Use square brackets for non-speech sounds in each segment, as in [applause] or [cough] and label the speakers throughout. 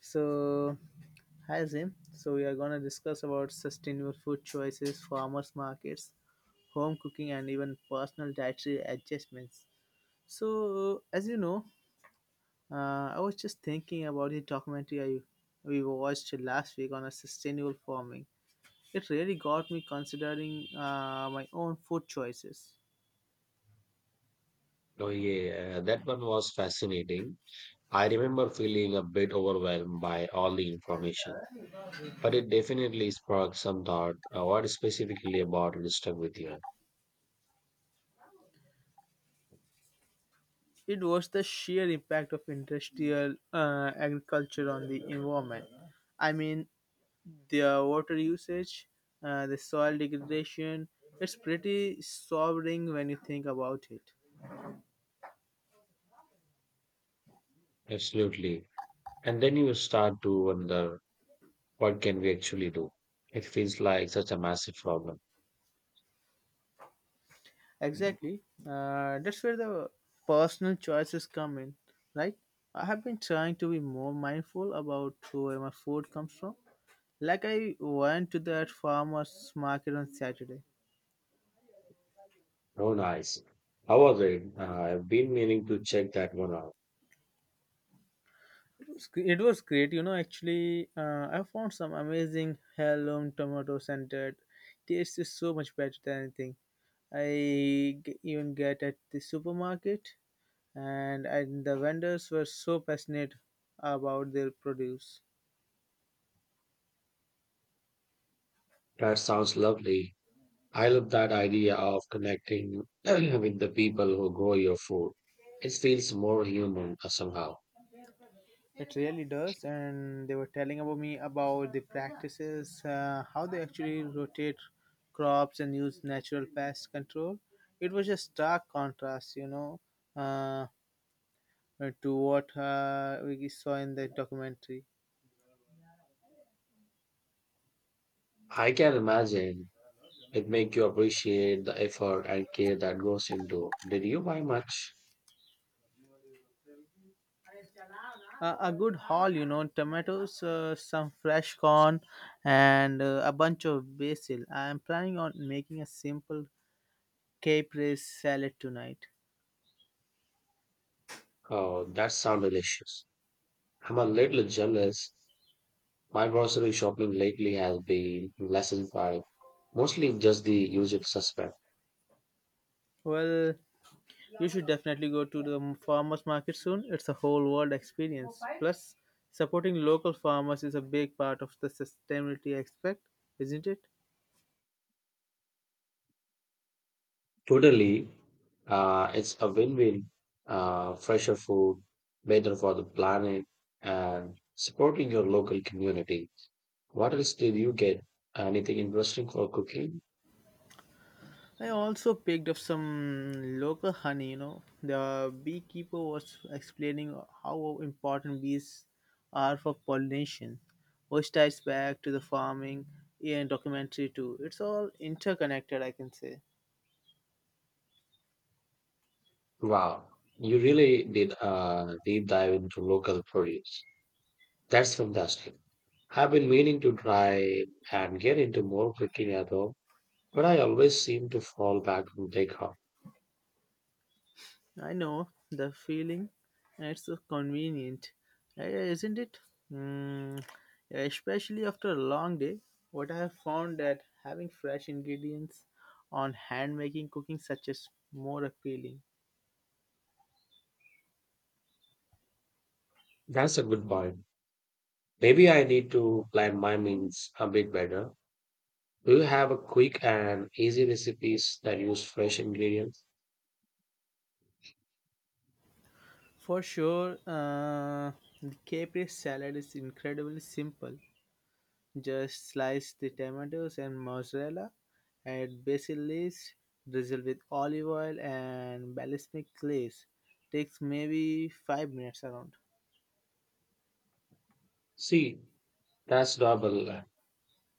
Speaker 1: So, hi Zim. So we are gonna discuss about sustainable food choices, farmers markets, home cooking, and even personal dietary adjustments. So, as you know, I was just thinking about the documentary we watched last week on a sustainable farming. It really got me considering my own food choices.
Speaker 2: Oh, yeah, that one was fascinating. I remember feeling a bit overwhelmed by all the information, but it definitely sparked some thought. What specifically about it stuck with you?
Speaker 1: It was the sheer impact of industrial agriculture on the environment. I mean, their water usage, the soil degradation. It's pretty sobering when you think about it.
Speaker 2: Absolutely. And then you start to wonder, what can we actually do? It feels like such a massive problem.
Speaker 1: Exactly. That's where the personal choices come in, right? I have been trying to be more mindful about where my food comes from. Like I went to that farmer's market on Saturday.
Speaker 2: Oh, nice. How was it? I've been meaning to check that one out.
Speaker 1: It was great. Actually, I found some amazing heirloom tomatoes, and that taste is so much better than anything I even get at the supermarket, and the vendors were so passionate about their produce.
Speaker 2: That sounds lovely. I love that idea of connecting [clears throat] with the people who grow your food. It feels more human somehow.
Speaker 1: It really does, and they were telling about me about the practices, how they actually rotate crops and use natural pest control. It was a stark contrastuh, to what we saw in the documentary.
Speaker 2: I can imagine it make you appreciate the effort and care that goes into. Did you buy much?
Speaker 1: A good haul, tomatoes, some fresh corn, and a bunch of basil. I am planning on making a simple capri salad tonight.
Speaker 2: Oh, that sounds delicious. I'm a little jealous. My grocery shopping lately has been less inspired, mostly just the usual suspect.
Speaker 1: Well, you should definitely go to the farmers market soon. It's a whole world experience. Plus, supporting local farmers is a big part of the sustainability aspect, isn't it?
Speaker 2: Totally, it's a win-win. Fresher food, better for the planet, and supporting your local community. What else did you get? Anything interesting for cooking?
Speaker 1: I also picked up some local honey. The beekeeper was explaining how important bees are for pollination, which ties back to the farming and documentary too. It's all interconnected, I can say.
Speaker 2: Wow, you really did a deep dive into local produce. That's fantastic. I've been meaning to try and get into more cooking at home, but I always seem to fall back on takeout.
Speaker 1: I know the feeling, and it's so convenient, eh, isn't it? Mm, especially after a long day, what I have found that having fresh ingredients on hand making cooking such as more appealing.
Speaker 2: That's a good point. Maybe I need to plan my meals a bit better. Do you have a quick and easy recipes that use fresh ingredients?
Speaker 1: For sure, the Capri salad is incredibly simple. Just slice the tomatoes and mozzarella, add basil leaves, drizzle with olive oil and balsamic glaze. Takes maybe 5 minutes around.
Speaker 2: See, that's double.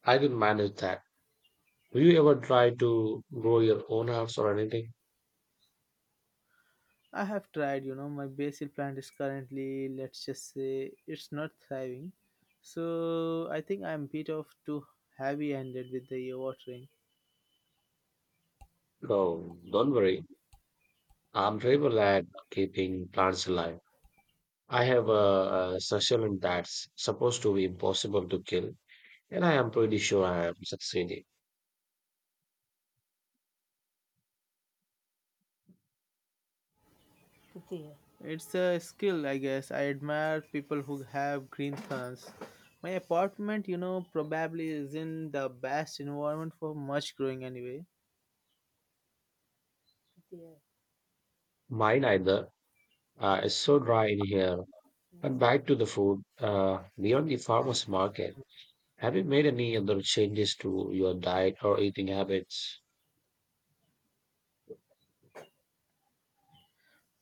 Speaker 2: I didn't manage that. Do you ever try to grow your own herbs or anything?
Speaker 1: I have tried, my basil plant is currently, let's just say, it's not thriving. So I think I'm bit of too heavy-handed with the watering.
Speaker 2: No, don't worry. I'm terrible at keeping plants alive. I have a succulent that's supposed to be impossible to kill, and I am pretty sure I am succeeding.
Speaker 1: It's a skill, I guess. I admire people who have green thumbs. My apartment, probably isn't the best environment for much growing anyway.
Speaker 2: Mine either. It's so dry in here. But back to the food. Beyond the farmer's market. Have you made any other changes to your diet or eating habits?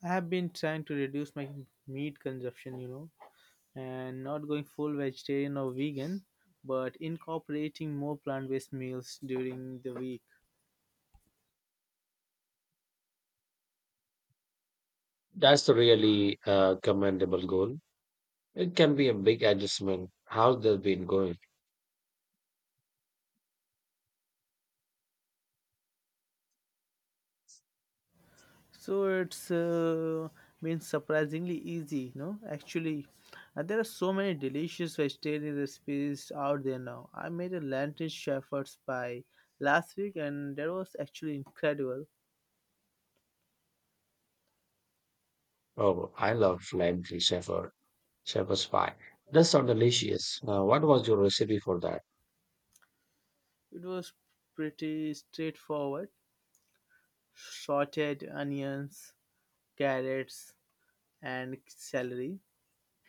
Speaker 1: I have been trying to reduce my meat consumption, and not going full vegetarian or vegan, but incorporating more plant based meals during the week.
Speaker 2: That's a really commendable goal. It can be a big adjustment. How's that been going?
Speaker 1: So it's been surprisingly easy, no? Actually, and there are so many delicious vegetarian recipes out there now. I made a lantern shepherd's pie last week, and that was actually incredible.
Speaker 2: Oh, I love shepherd's pie. That sounds delicious. What was your recipe for that?
Speaker 1: It was pretty straightforward: sauteed onions, carrots, and celery,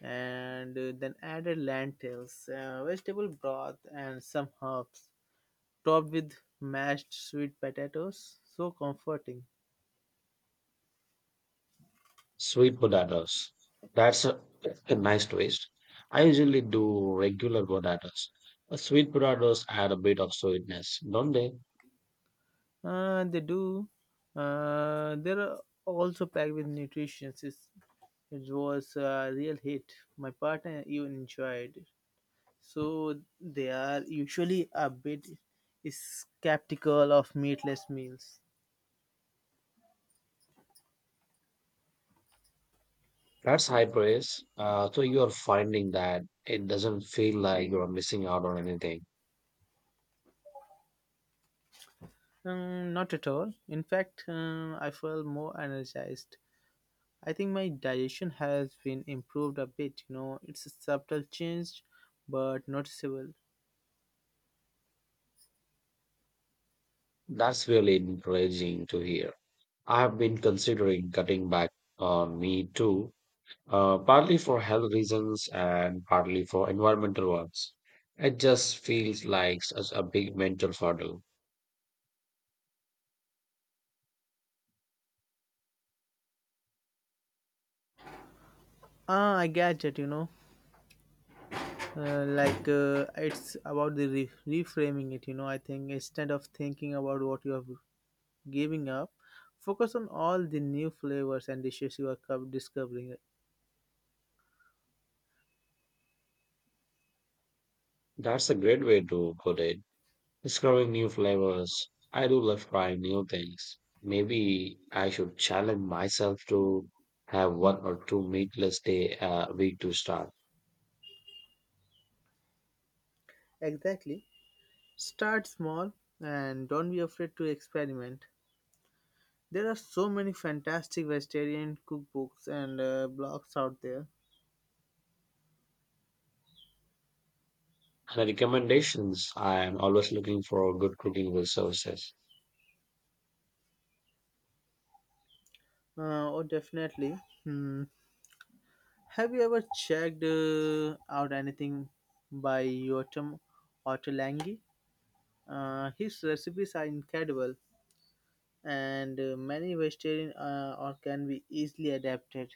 Speaker 1: and then added lentils, vegetable broth, and some herbs. Topped with mashed sweet potatoes. So comforting.
Speaker 2: Sweet potatoes. That's a nice twist. I usually do regular potatoes. But sweet potatoes add a bit of sweetness, don't they?
Speaker 1: They do. They're also packed with nutrition. It was a real hit. My partner even enjoyed it. So they are usually a bit skeptical of meatless meals.
Speaker 2: That's high praise. So you are finding that it doesn't feel like you are missing out on anything.
Speaker 1: Not at all. In fact, I felt more energized. I think my digestion has been improved a bit. It's a subtle change, but noticeable.
Speaker 2: That's really encouraging to hear. I have been considering cutting back on meat too, partly for health reasons and partly for environmental ones. It just feels like such a big mental hurdle.
Speaker 1: Ah, I get it. Like, it's about the reframing it. I think instead of thinking about what you are giving up, focus on all the new flavors and dishes you are discovering.
Speaker 2: That's a great way to put it. Discovering new flavors. I do love trying new things. Maybe I should challenge myself to have one or two meatless day a week to start.
Speaker 1: Exactly. Start small and don't be afraid to experiment. There are so many fantastic vegetarian cookbooks and blogs out there.
Speaker 2: And recommendations, I am always looking for good cooking resources.
Speaker 1: Oh, definitely. Hmm. Have you ever checked out anything by Yotam Ottolenghi? His recipes are incredible, and many vegetarian or can be easily adapted.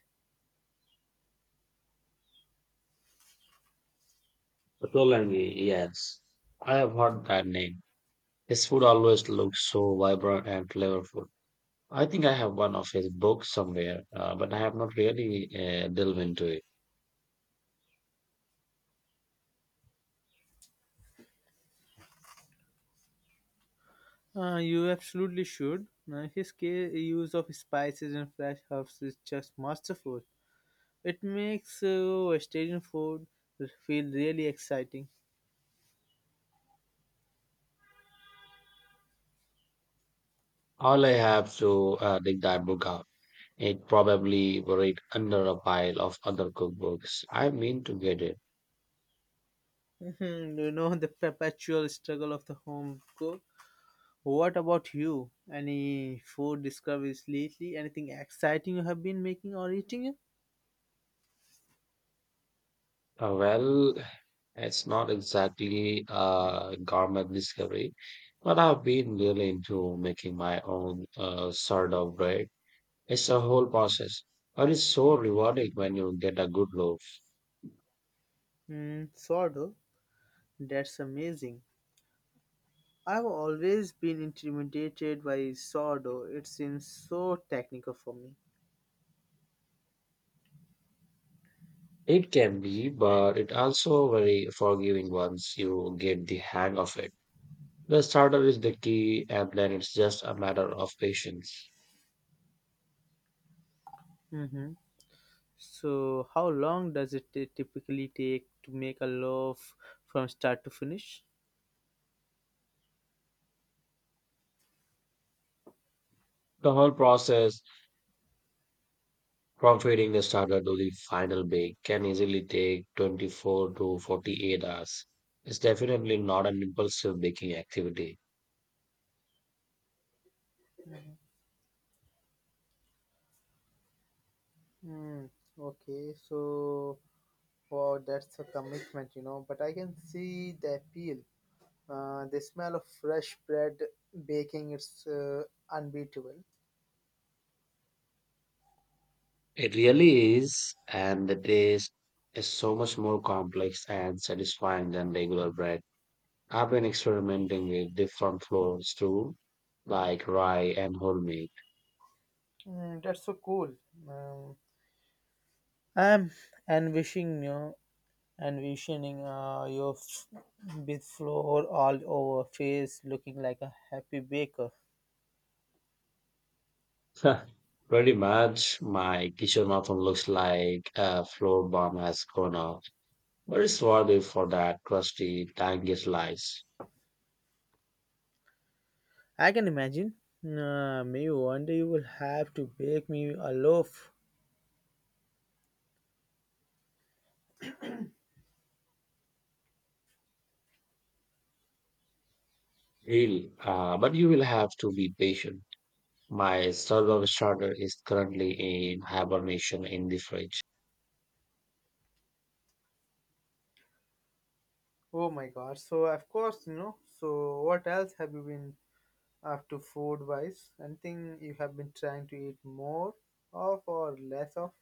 Speaker 2: Solange, yes. I have heard that name. His food always looks so vibrant and flavorful. I think I have one of his books somewhere, but I have not really delved into it.
Speaker 1: You absolutely should. His care, use of spices and fresh herbs is just masterful. It makes vegetarian food feel really exciting.
Speaker 2: All I have to dig that book out. It probably buried under a pile of other cookbooks. I mean to get it.
Speaker 1: Mhm, you know the perpetual struggle of the home cook. What about you? Any food discoveries lately? Anything exciting you have been making or eating?
Speaker 2: Well, it's not exactly a gourmet discovery, but I've been really into making my own sort of bread. It's a whole process, but it's so rewarding when you get a good loaf.
Speaker 1: Mm, sourdough. That's amazing. I've always been intimidated by sourdough. It seems so technical for me.
Speaker 2: It can be, but it also very forgiving once you get the hang of it. The starter is the key, and then it's just a matter of patience.
Speaker 1: Mm-hmm. So, how long does it typically take to make a loaf from start to finish?
Speaker 2: The whole process, crop feeding is started to the final bake can easily take 24 to 48 hours. It's definitely not an impulsive baking activity.
Speaker 1: Hmm. Okay. So, wow, that's a commitment. But I can see the appeal. The smell of fresh bread baking is unbeatable.
Speaker 2: It really is, and the taste is so much more complex and satisfying than regular bread. I've been experimenting with different flours too, like rye and wholemeal.
Speaker 1: That's so cool. Um, I'm envisioning you and visioning your with flour all over face looking like a happy baker.
Speaker 2: [laughs] Pretty much, my kitchen often looks like a flour bomb has gone off, but it's worth it for that crusty, tangy slice.
Speaker 1: I can imagine. Maybe one day you will have to bake me a loaf.
Speaker 2: Deal, but you will have to be patient. My server starter is currently in hibernation in the fridge.
Speaker 1: Oh my god. So, of course. So, what else have you been up to food wise? Anything you have been trying to eat more of or less of?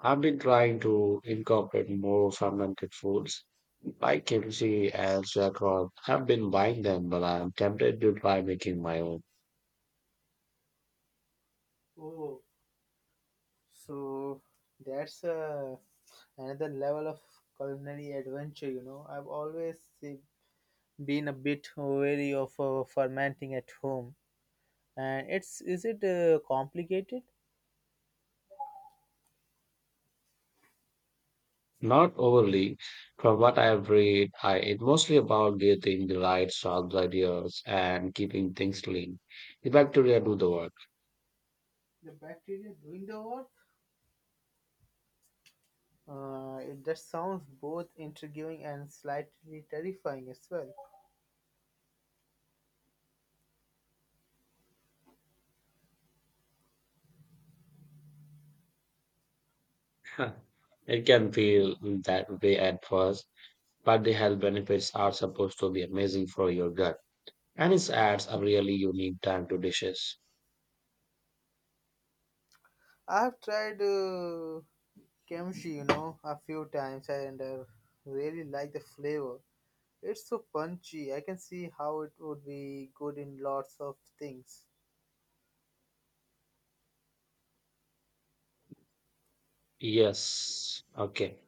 Speaker 2: I've been trying to incorporate more fermented foods like kimchi and sauerkraut. I've been buying them, but I'm tempted to try making my own.
Speaker 1: Oh, so that's another level of culinary adventure. I've always been a bit wary of fermenting at home, and it's is it complicated?
Speaker 2: Not overly, from what I've read, it's mostly about getting the right sauce ideas and keeping things clean. The bacteria do the work.
Speaker 1: The bacteria doing the work. It just sounds both intriguing and slightly terrifying as well.
Speaker 2: [laughs] It can feel that way at first, but the health benefits are supposed to be amazing for your gut. And it adds a really unique time to dishes.
Speaker 1: I've tried kimchi, a few times, and I really like the flavor. It's so punchy. I can see how it would be good in lots of things.
Speaker 2: Yes. Okay.